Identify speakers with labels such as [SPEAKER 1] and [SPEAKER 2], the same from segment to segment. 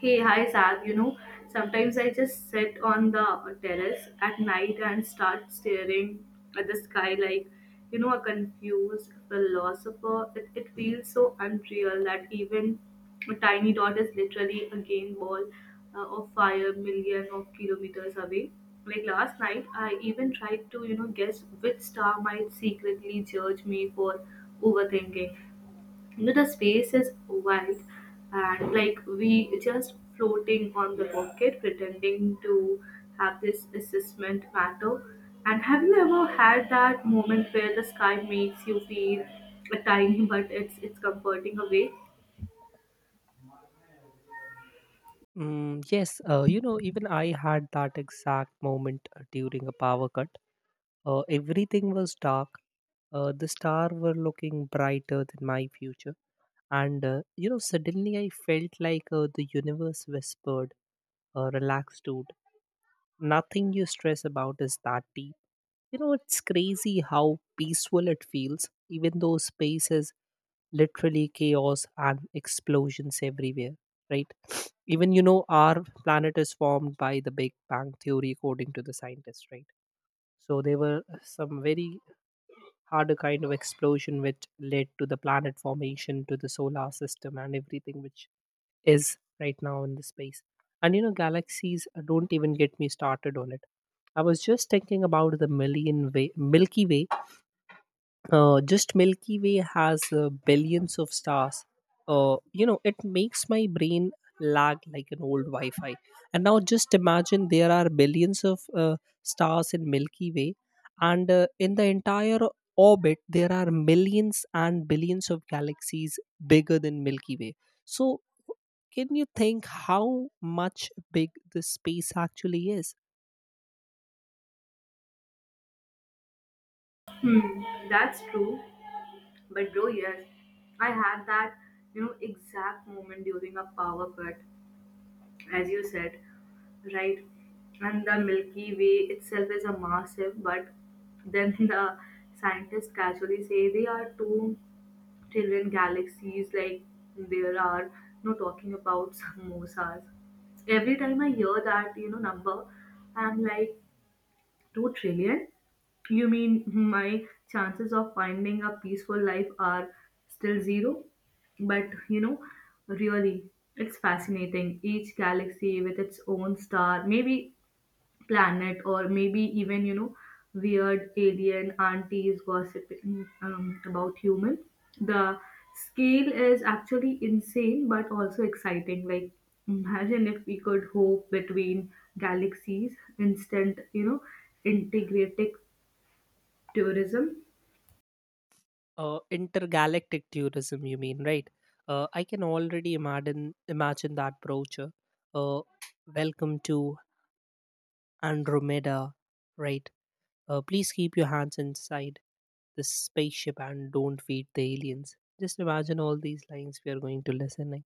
[SPEAKER 1] Hey, hi, Sag. Sometimes I just sit on the terrace at night and start staring at the sky like a confused philosopher. It feels so unreal that even a tiny dot is literally a game ball of fire million of kilometers away. Like last night, I even tried to, guess which star might secretly judge me for overthinking. You know, the space is wide, and like we just floating on the pocket pretending to have this assessment matter. And have you ever had that moment where the sky makes you feel a tiny but it's comforting away?
[SPEAKER 2] Yes, even I had that exact moment during a power cut. Everything was dark. The stars were looking brighter than my future, and suddenly I felt like the universe whispered, "Relax, dude. Nothing you stress about is that deep." You know, it's crazy how peaceful it feels, even though space is literally chaos and explosions everywhere, right? Even, you know, our planet is formed by the Big Bang Theory, according to the scientists, right? So there were some very harder kind of explosion which led to the planet formation, to the solar system, and everything which is right now in the space. And, you know, galaxies don't even get me started on it. I was just thinking about the Milky Way . Just Milky Way has billions of stars. It makes my brain lag like an old Wi Fi. And now just imagine there are billions of stars in Milky Way, and in the entire orbit, there are millions and billions of galaxies bigger than Milky Way. So, can you think how much big this space actually is?
[SPEAKER 1] Hmm, that's true, but bro, yes, I had that exact moment during a power cut, as you said, right? And the Milky Way itself is a massive, but then the scientists casually say they are 2 trillion galaxies, like there are no talking about samosas. Every time I hear that, number, I'm like, 2 trillion? You mean my chances of finding a peaceful life are still zero? But really, it's fascinating. Each galaxy with its own star. Maybe planet, or maybe even weird alien aunties gossiping about humans. The scale is actually insane, but also exciting. Like imagine if we could hope between galaxies, instant, integrative tourism.
[SPEAKER 2] Intergalactic tourism you mean, right? I can already imagine that brochure. uh, Welcome to Andromeda, right? Please keep your hands inside the spaceship and don't feed the aliens. Just imagine all these lines we are going to listening,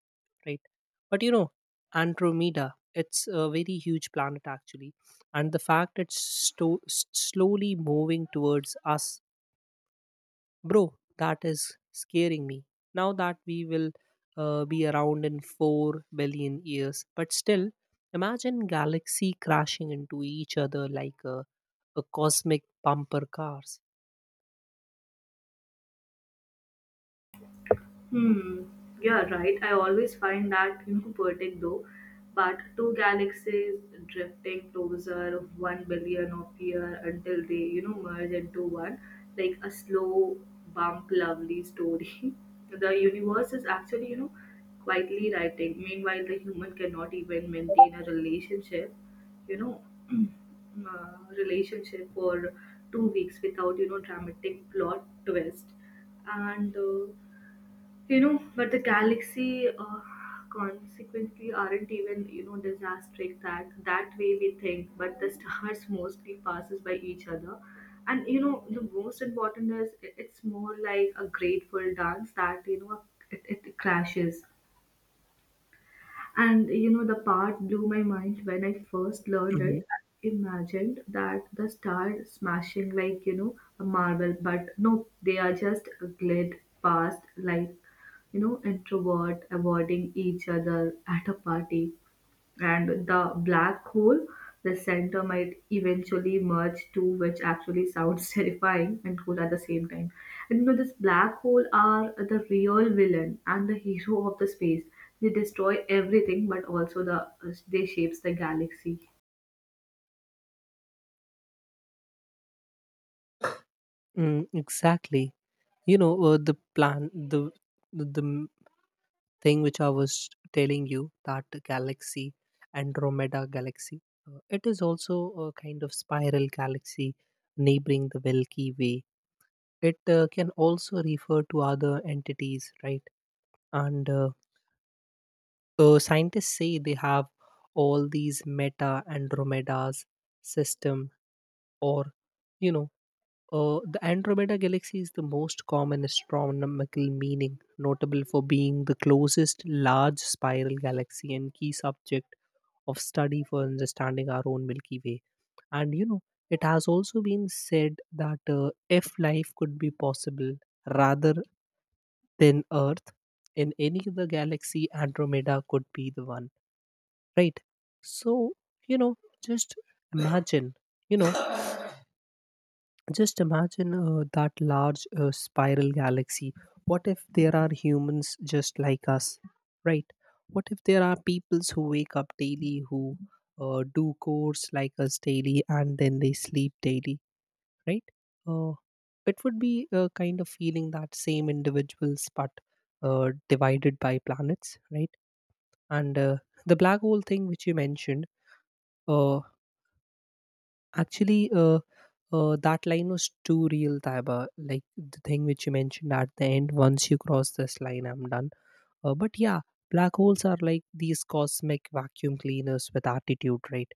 [SPEAKER 2] right? But you know, Andromeda, it's a very huge planet actually, and the fact it's slowly moving towards us. Bro, that is scaring me. Now that we will be around in 4 billion years. But still, imagine galaxy crashing into each other like a cosmic bumper cars.
[SPEAKER 1] Hmm, yeah, right. I always find that poetic, though, but two galaxies drifting closer 1 billion of year until they merge into one, like a slow bump, lovely story. The universe is actually quietly writing. Meanwhile, the human cannot even maintain a relationship, you know, relationship for 2 weeks without dramatic plot twist. And but the galaxy consequently aren't even disastrous that way we think, but the stars mostly passes by each other. And the most important is it's more like a grateful dance, that it, it crashes. And you know, the part blew my mind when I first learned
[SPEAKER 2] Mhm.
[SPEAKER 1] it. I imagined that the star smashing like a marble, but no, they are just glid past like introvert avoiding each other at a party. And the black hole, the center, might eventually merge too, which actually sounds terrifying and cool at the same time. And you know, this black hole are the real villain and the hero of the space. They destroy everything, but also they shapes the galaxy.
[SPEAKER 2] Mm, exactly. You know, the plan, the m- thing which I was telling you, that galaxy, Andromeda galaxy, it is also a kind of spiral galaxy neighboring the Milky Way. It can also refer to other entities, right? And scientists say they have all these Meta Andromeda's system, or you know, the Andromeda galaxy is the most common astronomical meaning, notable for being the closest large spiral galaxy and key subject of study for understanding our own Milky Way. And you know, it has also been said that if life could be possible rather than Earth, in any other galaxy, Andromeda could be the one, right? So, you know, just imagine, you know, just imagine that large spiral galaxy. What if there are humans just like us, right? What if there are peoples who wake up daily, who do course like us daily, and then they sleep daily? Right? Uh, it would be a kind of feeling that same individuals, but divided by planets, right? And the black hole thing which you mentioned, uh, actually, that line was too real, Taiba. Like the thing which you mentioned at the end, once you cross this line, I'm done. But yeah, black holes are like these cosmic vacuum cleaners with attitude, right?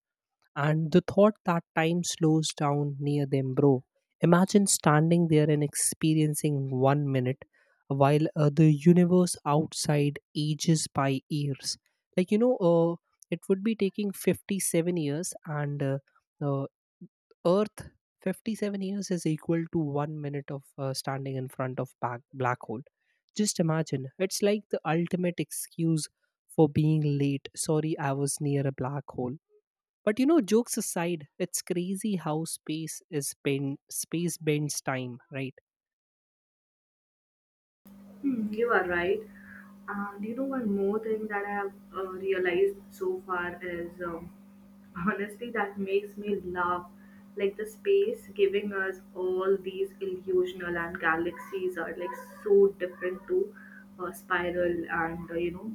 [SPEAKER 2] And the thought that time slows down near them, bro. Imagine standing there and experiencing 1 minute while the universe outside ages by years. Like, you know, it would be taking 57 years, and uh, Earth 57 years is equal to 1 minute of standing in front of black hole. Just imagine. It's like the ultimate excuse for being late. Sorry, I was near a black hole. But you know, jokes aside, it's crazy how space is bend, space bends time, right?
[SPEAKER 1] Hmm, you are right. And you know, one more thing that I have realized so far is honestly that makes me laugh. Like the space giving us all these illusional, and galaxies are like so different to spiral, and you know,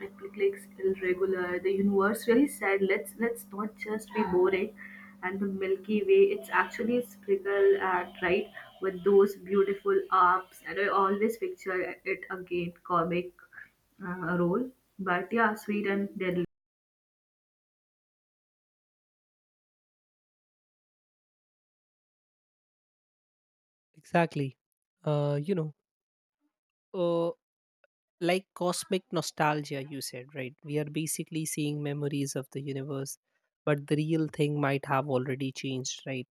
[SPEAKER 1] Netflix irregular. The universe really said, let's not just be boring. And the Milky Way, it's actually sprinkled at right with those beautiful arcs. And I always picture it again, comic role. But yeah, sweet and deadly.
[SPEAKER 2] Exactly. Uh, you know, uh, like cosmic nostalgia, you said, right? We are basically seeing memories of the universe, but the real thing might have already changed, right?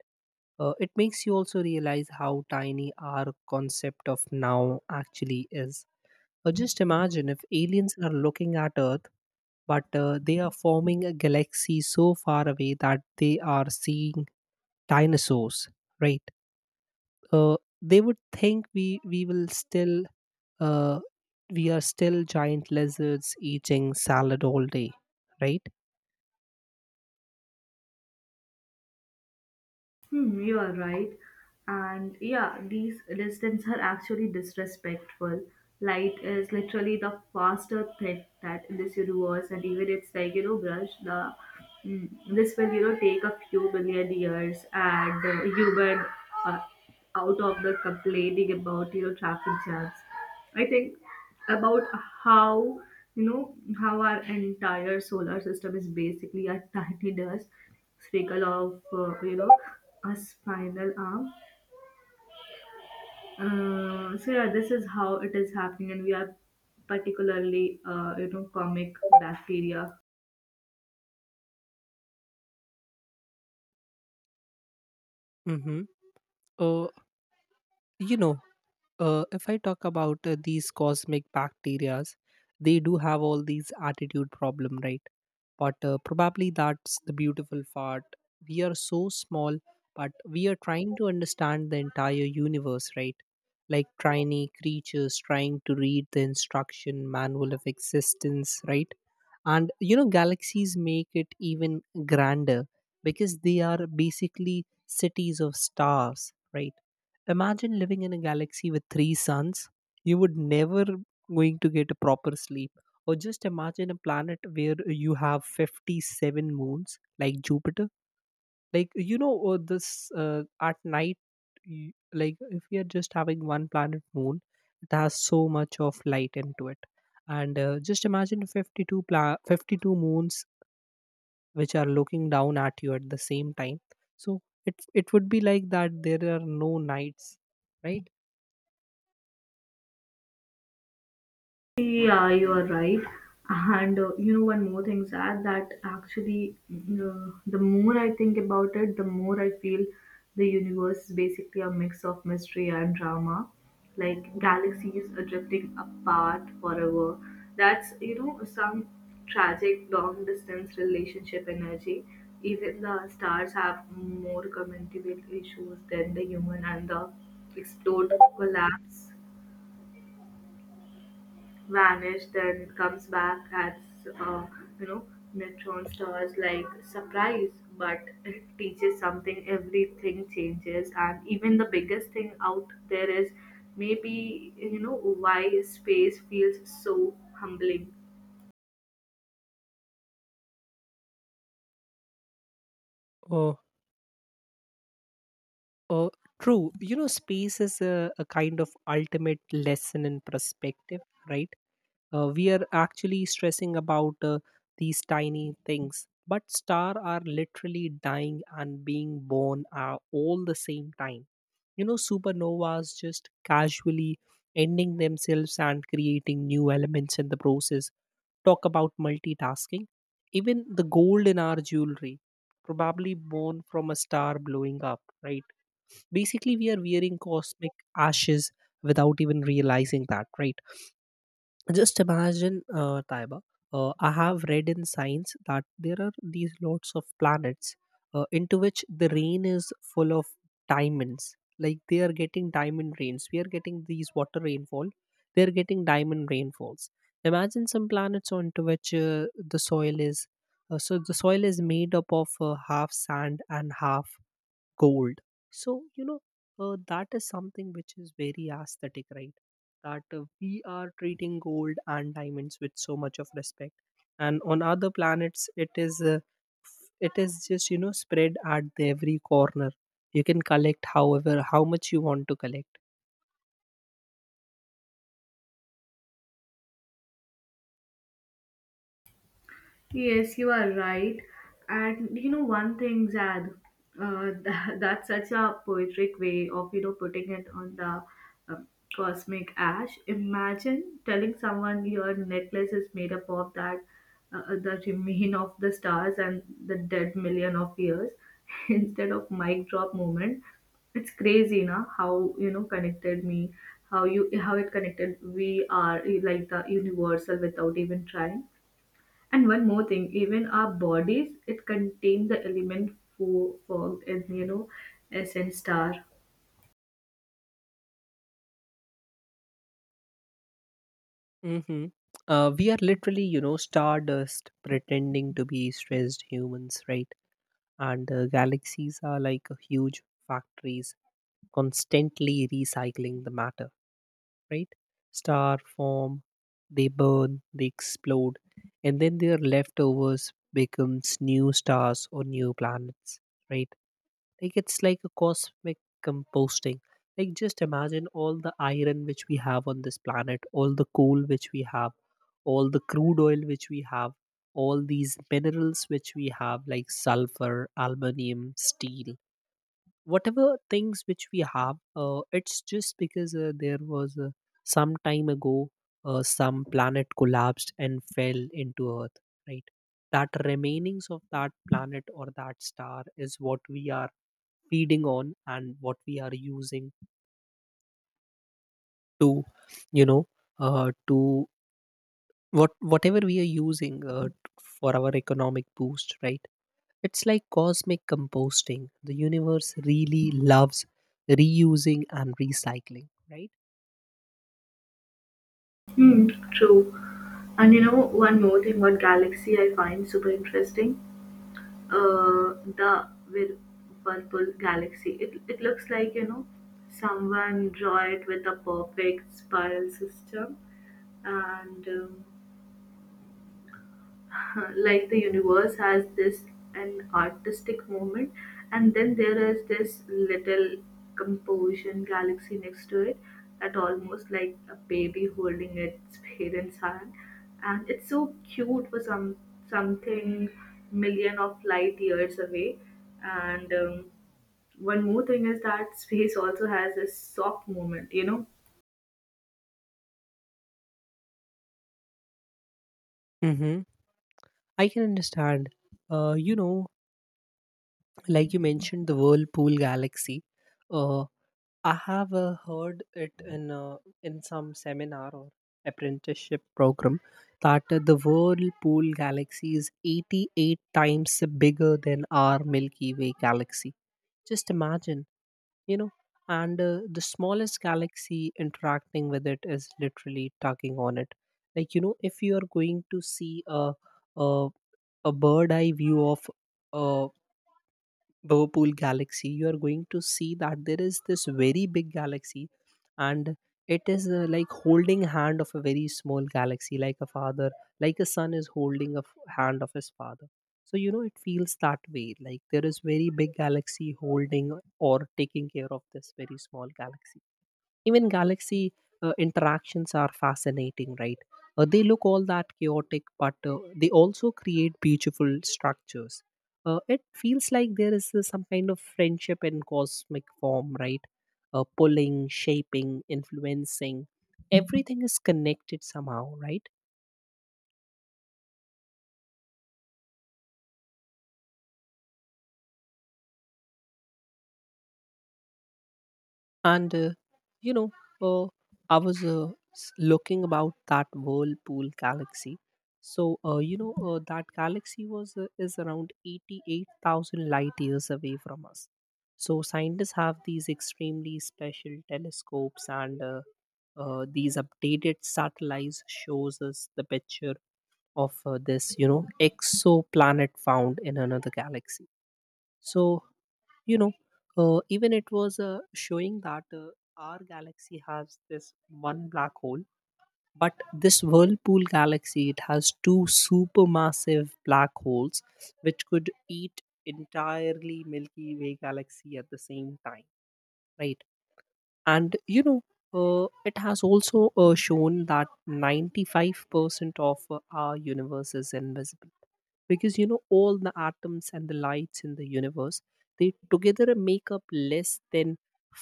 [SPEAKER 2] It makes you also realize how tiny our concept of now actually is. Or just imagine if aliens are looking at Earth, but they are forming a galaxy so far away that they are seeing dinosaurs, right? Uh, they would think we will still uh, we are still giant lizards eating salad all day, right?
[SPEAKER 1] Hmm, you are right. And yeah, these distance are actually disrespectful. Light is literally the faster thing that in this universe, and even it's like you know, brush the mm, this will take a few billion years, and human uh, out of the complaining about traffic jams. I think about how, you know how our entire solar system is basically a tiny dust sprinkle of you know, a spinal arm. So yeah, this is how it is happening, and we are particularly you know, comic bacteria.
[SPEAKER 2] Mm-hmm. Uh, you know, if I talk about these cosmic bacteria, they do have all these attitude problem, right? But probably that's the beautiful part. We are so small, but we are trying to understand the entire universe, right? Like tiny creatures trying to read the instruction manual of existence, right? And you know, galaxies make it even grander because they are basically cities of stars, right? Imagine living in a galaxy with three suns. You would never going to get a proper sleep. Or just imagine a planet where you have 57 moons like Jupiter. Like you know this at night like if we are just having one planet moon, it has so much of light into it, and just imagine 52 moons which are looking down at you at the same time. So it would be like that there are no nights, right?
[SPEAKER 1] Yeah, you are right. And you know, one more thing, Zad, that actually, the more I think about it, the more I feel the universe is basically a mix of mystery and drama. Like galaxies are drifting apart forever. That's, you know, some tragic long distance relationship energy. Even the stars have more communicable issues than the human, and the explode collapse vanished, then comes back as uh, you know neutron stars like surprise, but it teaches something. Everything changes, and even the biggest thing out there is maybe why space feels so humbling.
[SPEAKER 2] Oh, oh, true. You know, space is a kind of ultimate lesson in perspective, right? We are actually stressing about these tiny things, but stars are literally dying and being born all the same time. You know, supernovas just casually ending themselves and creating new elements in the process. Talk about multitasking. Even the gold in our jewelry, probably born from a star blowing up, right? Basically, we are wearing cosmic ashes without even realizing that, right? Just imagine, Taiba. I have read in science that there are these lots of planets into which the rain is full of diamonds. Like they are getting diamond rains. We are getting these water rainfall. They are getting diamond rainfalls. Imagine some planets onto which the soil is so the soil is made up of half sand and half cold. So, you know, that is something which is very aesthetic, right? That we are treating gold and diamonds with so much of respect. And on other planets, it is it is just you know spread at the every corner. You can collect however how much you want to collect.
[SPEAKER 1] Yes, you are right. And you know, one thing, Zad, that's such a poetic way of, you know, putting it on the um, cosmic ash. Imagine telling someone your necklace is made up of that, the remain of the stars and the dead million of years instead of mic drop moment. It's crazy, na, how, you know, connected me, how you, how it connected we are, eh, like the universal without even trying. And one more thing, even our bodies, it contain the element fog, and essence star.
[SPEAKER 2] Hmm. We are literally you know stardust pretending to be stressed humans, right? And galaxies are like huge factories constantly recycling the matter, right? Star form, they burn, they explode, and then their leftovers becomes new stars or new planets, right? Like it's like a cosmic composting. Like just imagine all the iron which we have on this planet, all the coal which we have, all the crude oil which we have, all these minerals which we have, like sulfur, aluminium, steel, whatever things which we have it's just because there was some time ago some planet collapsed and fell into earth, right? That remainings of that planet or that star is what we are feeding on and what we are using to you know to what whatever we are using for our economic boost, right? It's like cosmic composting. The universe really loves reusing and recycling, right?
[SPEAKER 1] Hmm, true. And you know, one more thing about galaxy I find super interesting. The Whirlpool galaxy. It looks like, you know, someone draw it with a perfect spiral system. And like the universe has this an artistic moment, and then there is this little composition galaxy next to it that almost like a baby holding its parents hand, and it's so cute for some something million of light years away. And one more thing is that space also has a soft moment, you know.
[SPEAKER 2] Mm-hmm. I can understand. Uh, you know, like you mentioned, the Whirlpool Galaxy. Uh, I have heard it in in some seminar or apprenticeship program that the Whirlpool Galaxy is 88 times bigger than our Milky Way galaxy. Just imagine, you know. And the smallest galaxy interacting with it is literally tugging on it, like you know if you are going to see a, a bird eye view of a Whirlpool galaxy, you are going to see that there is this very big galaxy, and it is like holding hand of a very small galaxy, like a father, like a son is holding a hand of his father. So you know it feels that way, like there is very big galaxy holding or taking care of this very small galaxy. Even galaxy interactions are fascinating, right? They look all that chaotic, but they also create beautiful structures. It feels like there is some kind of friendship in cosmic form, right? Pulling, shaping, influencing. Everything is connected somehow, right? And you know, uh, I was uh, looking about that Whirlpool galaxy. So that galaxy was is around 88,000 light years away from us. So scientists have these extremely special telescopes, and these updated satellites shows us the picture of this you know exoplanet found in another galaxy. So you know even it was showing that our galaxy has this one black hole, but this Whirlpool galaxy, it has two supermassive black holes which could eat entirely Milky Way galaxy at the same time, right? And it has also shown that 95% of our universe is invisible, because all the atoms and the lights in the universe, they together make up less than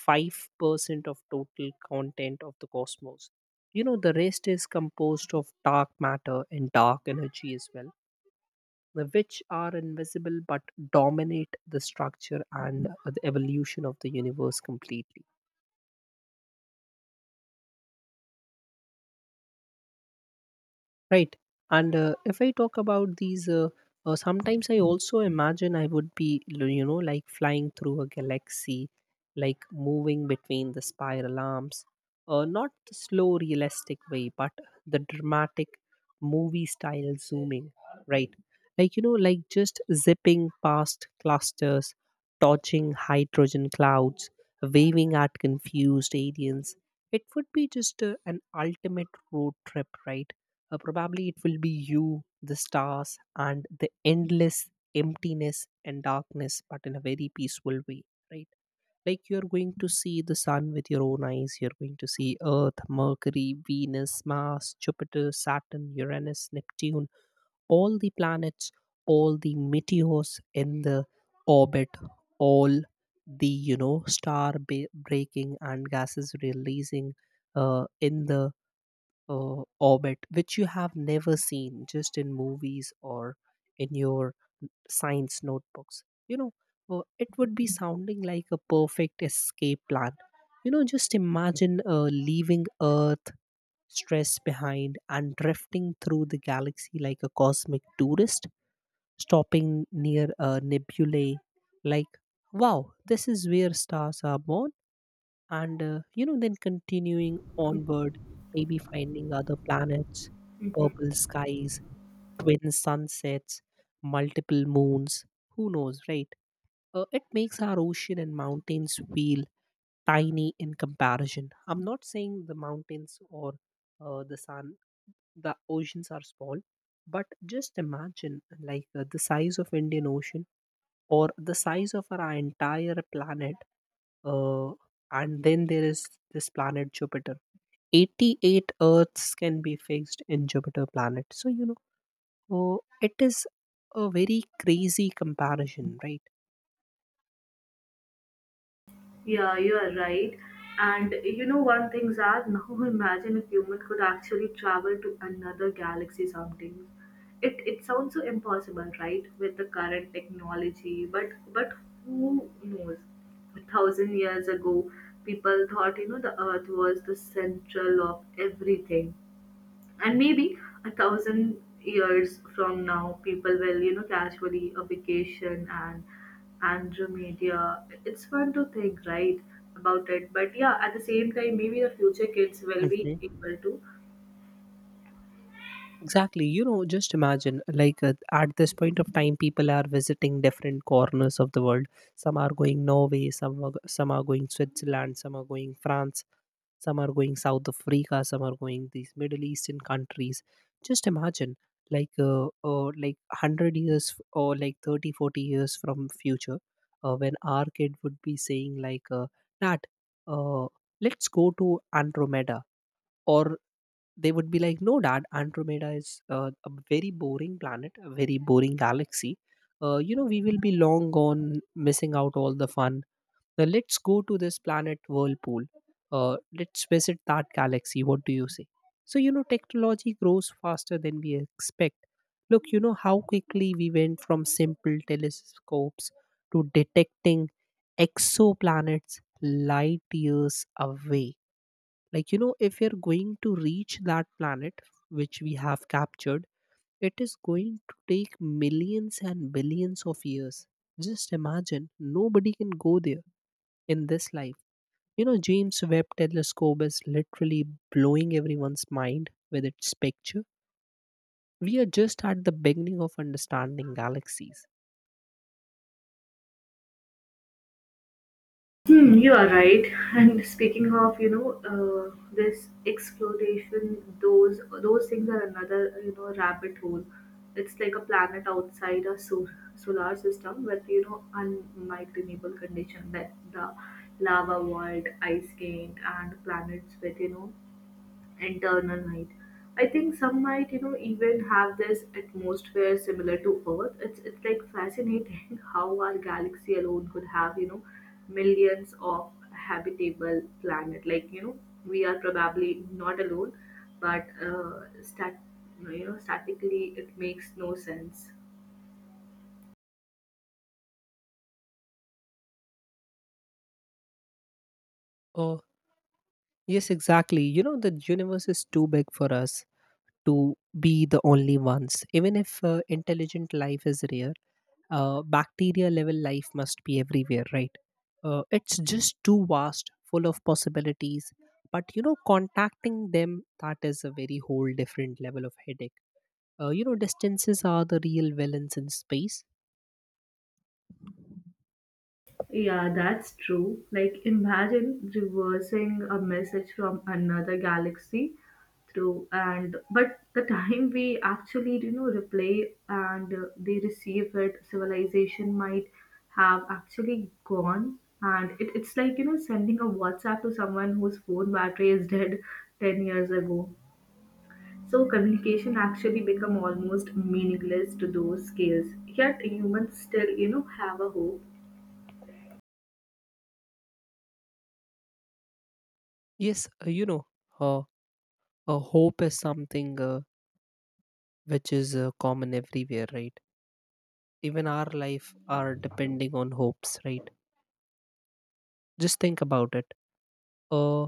[SPEAKER 2] 5% of total content of the cosmos. The rest is composed of dark matter and dark energy as well, which are invisible but dominate the structure and the evolution of the universe completely, right? And if I talk about these sometimes I also imagine I would be like flying through a galaxy, like moving between the spiral arms. Not the slow realistic way, but the dramatic movie style zooming, right? Like just zipping past clusters, dodging hydrogen clouds, waving at confused aliens. It would be just an ultimate road trip, right? Probably it will be you, the stars, and the endless emptiness and darkness, but in a very peaceful way, right? Like you're going to see the sun with your own eyes, you're going to see Earth, Mercury, Venus, Mars, Jupiter, Saturn, Uranus, Neptune, all the planets, all the meteors in the orbit, all the star breaking and gases releasing in the orbit, which you have never seen, just in movies or in your science notebooks. you know it would be sounding like a perfect escape plan. Just imagine leaving earth stress behind and drifting through the galaxy like a cosmic tourist, stopping near a nebulae, like, wow, this is where stars are born. And then continuing onward, maybe finding other planets, purple skies, twin sunsets, multiple moons, who knows, right? It makes our ocean and mountains feel tiny in comparison. I'm not saying the mountains or the sun, the oceans are small, but just imagine, like the size of Indian Ocean, or the size of our entire planet. uh, and then there is this planet Jupiter. 88 Earths can be fixed in Jupiter planet. So, oh, it is a very crazy comparison, right?
[SPEAKER 1] Yeah, you are right. And you know one thing, Zach, now imagine if human could actually travel to another galaxy someday. It sounds so impossible, right? With the current technology, but who knows? 1,000 years ago, people thought, you know, the Earth was the central of everything, and maybe 1,000 years from now people will casually a vacation and Andromeda. It's fun to think, right, about it, but yeah, at the same time maybe the future kids will be
[SPEAKER 2] Hmm.
[SPEAKER 1] able to.
[SPEAKER 2] Exactly. Just imagine, like, at this point of time, people are visiting different corners of the world. Some are going Norway, some are going Switzerland, some are going France, some are going South Africa, some are going these Middle Eastern countries. Just imagine, like 100 years or like 30, 40 years from future, when our kid would be saying like, dad, uh, let's go to Andromeda, or they would be like, no dad, Andromeda is a very boring planet, a very boring galaxy. We will be long gone missing out all the fun. Now let's go to this planet Whirlpool. Let's visit that galaxy. What do you say? So technology grows faster than we expect. Look, how quickly we went from simple telescopes to detecting exoplanets light years away. Like if you're going to reach that planet which we have captured, it is going to take millions and billions of years. Just imagine, nobody can go there in this life. James Webb telescope is literally blowing everyone's mind with its picture. We are just at the beginning of understanding galaxies.
[SPEAKER 1] Hmm, you are right. And speaking of, you know, this exploitation, those things are another, you know, rabbit hole. It's like a planet outside a solar system with, you know, unmicronable condition that the lava world, ice giant, and planets with, you know, internal night. I think some might, you know, even have this atmosphere similar to Earth. It's like fascinating how our galaxy alone could have, you know, millions of habitable planet. Like you know, we are probably not alone, but you know, statically it makes no sense.
[SPEAKER 2] Oh, yes, exactly. The universe is too big for us to be the only ones. Even if intelligent life is rare, bacteria level life must be everywhere, right? It's just too vast, full of possibilities. But contacting them, that is a very whole different level of headache. Distances are the real villains in space.
[SPEAKER 1] Yeah, that's true. Like, imagine reversing a message from another galaxy through, and but the time we actually you know replay and they receive it, civilization might have actually gone. And it's like you know sending a WhatsApp to someone whose phone battery is dead 10 years ago. So communication actually become almost meaningless to those scales. Yet humans still you know have a hope.
[SPEAKER 2] Yes, uh, hope is something which is common everywhere, right? Even our life are depending on hopes, right? Just think about it. Uh,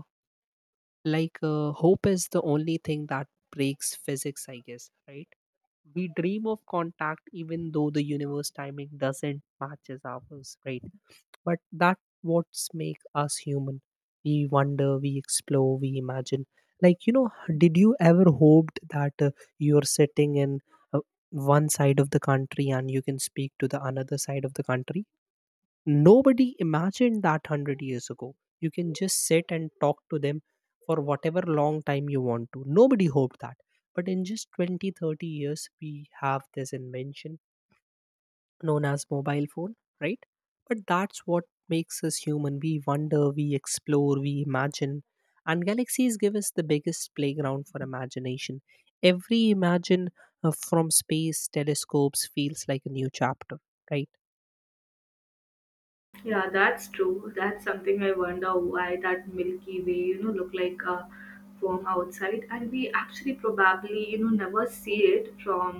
[SPEAKER 2] like hope is the only thing that breaks physics, I guess, right? We dream of contact even though the universe timing doesn't matches ours, right? But that what's make us human. We wonder, we explore, we imagine. Like, did you ever hoped that you're sitting in uh, one side of the country and you can speak to the another side of the country? Nobody imagined that 100 years ago you can just sit and talk to them for whatever long time you want to. Nobody hoped that, but in just 20, 30 years we have this invention known as mobile phone, right? But that's what makes us human. We wonder, we explore, we imagine. And galaxies give us the biggest playground for imagination. Every imagine from space telescopes feels like a new chapter, right?
[SPEAKER 1] Yeah, that's true. That's something I wonder why that Milky Way, you know, look like a from outside, and we actually probably, you know, never see it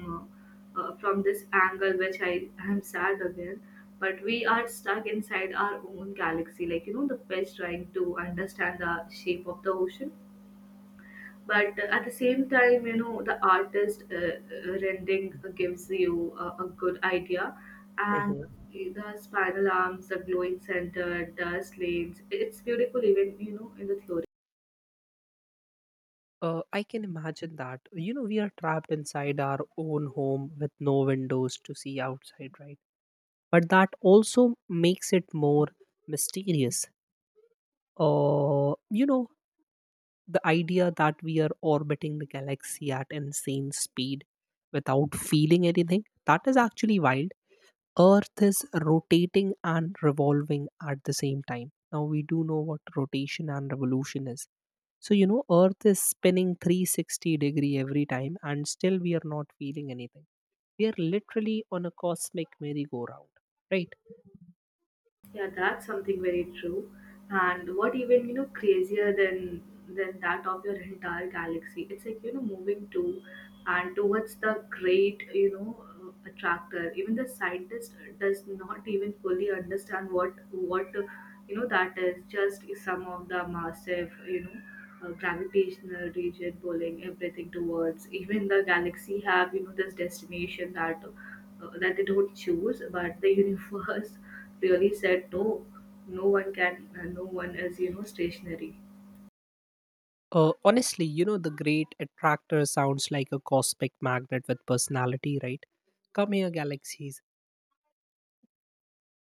[SPEAKER 1] from this angle, which I am sad again. But we are stuck inside our own galaxy, like you know, the fish trying to understand the shape of the ocean. But at the same time, you know, the artist rendering gives you a good idea. And
[SPEAKER 2] Hmm.
[SPEAKER 1] the spiral arms, the glowing center, dust lanes, it's beautiful, even you know in the theory.
[SPEAKER 2] I can imagine that. We are trapped inside our own home with no windows to see outside, right? But that also makes it more mysterious. Uh, you know, the idea that we are orbiting the galaxy at insane speed without feeling anything, that is actually wild. Earth is rotating and revolving at the same time. Now we do know what rotation and revolution is. So earth is spinning 360-degree every time, and still we are not feeling anything. We are literally on a cosmic merry-go-round, right?
[SPEAKER 1] Yeah, that's something very true. And what even, you know, crazier than that of your entire galaxy. It's like, you know, moving to and towards the great, you know, attractor. Even the scientist does not even fully understand what you know that is. Just some of the massive, you know, gravitational region pulling everything towards. Even the galaxy have, you know, this destination that that they don't choose, but the universe really said no, no one can, no one is you know stationary.
[SPEAKER 2] Honestly, the great attractor sounds like a cosmic magnet with personality, right? Come here galaxies.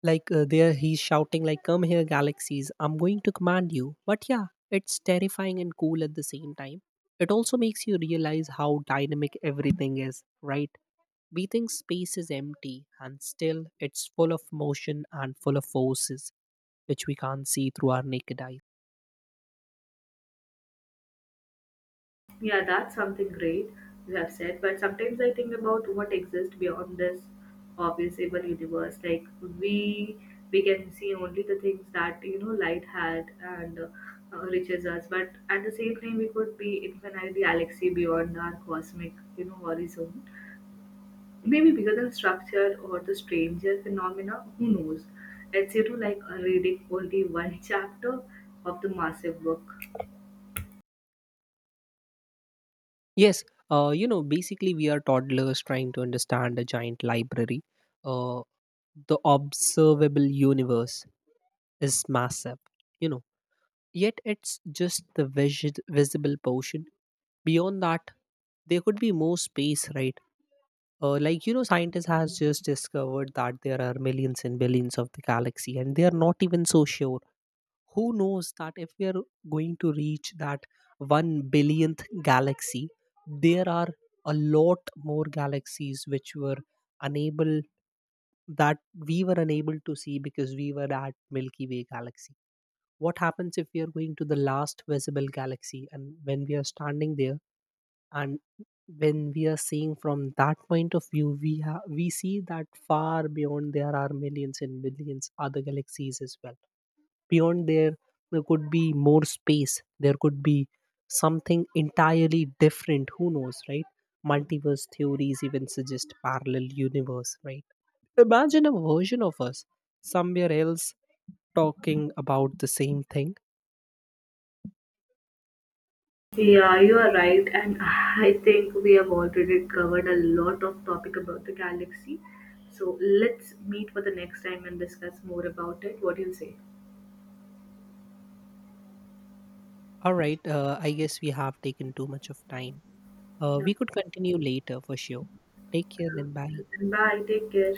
[SPEAKER 2] Like, there, he's shouting like, come here galaxies, I'm going to command you. But yeah, it's terrifying and cool at the same time. It also makes you realize how dynamic everything is, right? We think space is empty, and still it's full of motion and full of forces which we can't see through our naked eyes.
[SPEAKER 1] Yeah, that's something great you have said. But sometimes I think about what exists beyond this observable universe. Like, we we can see only the things that you know light had, and reaches us, but at the same time we could be infinite galaxy beyond our cosmic, you know, horizon. Maybe bigger than structure or the stranger phenomena, who knows? It's you to like reading only one chapter of the massive book.
[SPEAKER 2] Yes, basically we are toddlers trying to understand a giant library. Uh, the observable universe is massive, you know yet it's just the visible portion. Beyond that, there could be more space, right? Like, scientists has just discovered that there are millions and billions of the galaxy, and they are not even so sure. Who knows that if we are going to reach that one billionth galaxy, there are a lot more galaxies which were unable, that we were unable to see because we were at Milky Way galaxy. What happens if we are going to the last visible galaxy, and when we are standing there, and when we are seeing from that point of view, we we see that far beyond there are millions and millions other galaxies as well. Beyond there, there could be more space, there could be something entirely different, who knows, right? Multiverse theories even suggest parallel universe, right? Imagine a version of us somewhere else talking about the same thing.
[SPEAKER 1] Yeah, you are right, and I think we have already covered a lot of topic about the galaxy. So let's meet for the next time and discuss more about it. What do you say?
[SPEAKER 2] All right, I guess we have taken too much of time.
[SPEAKER 1] Yeah.
[SPEAKER 2] We could continue later for sure. Take care, then bye.
[SPEAKER 1] Bye. Take care.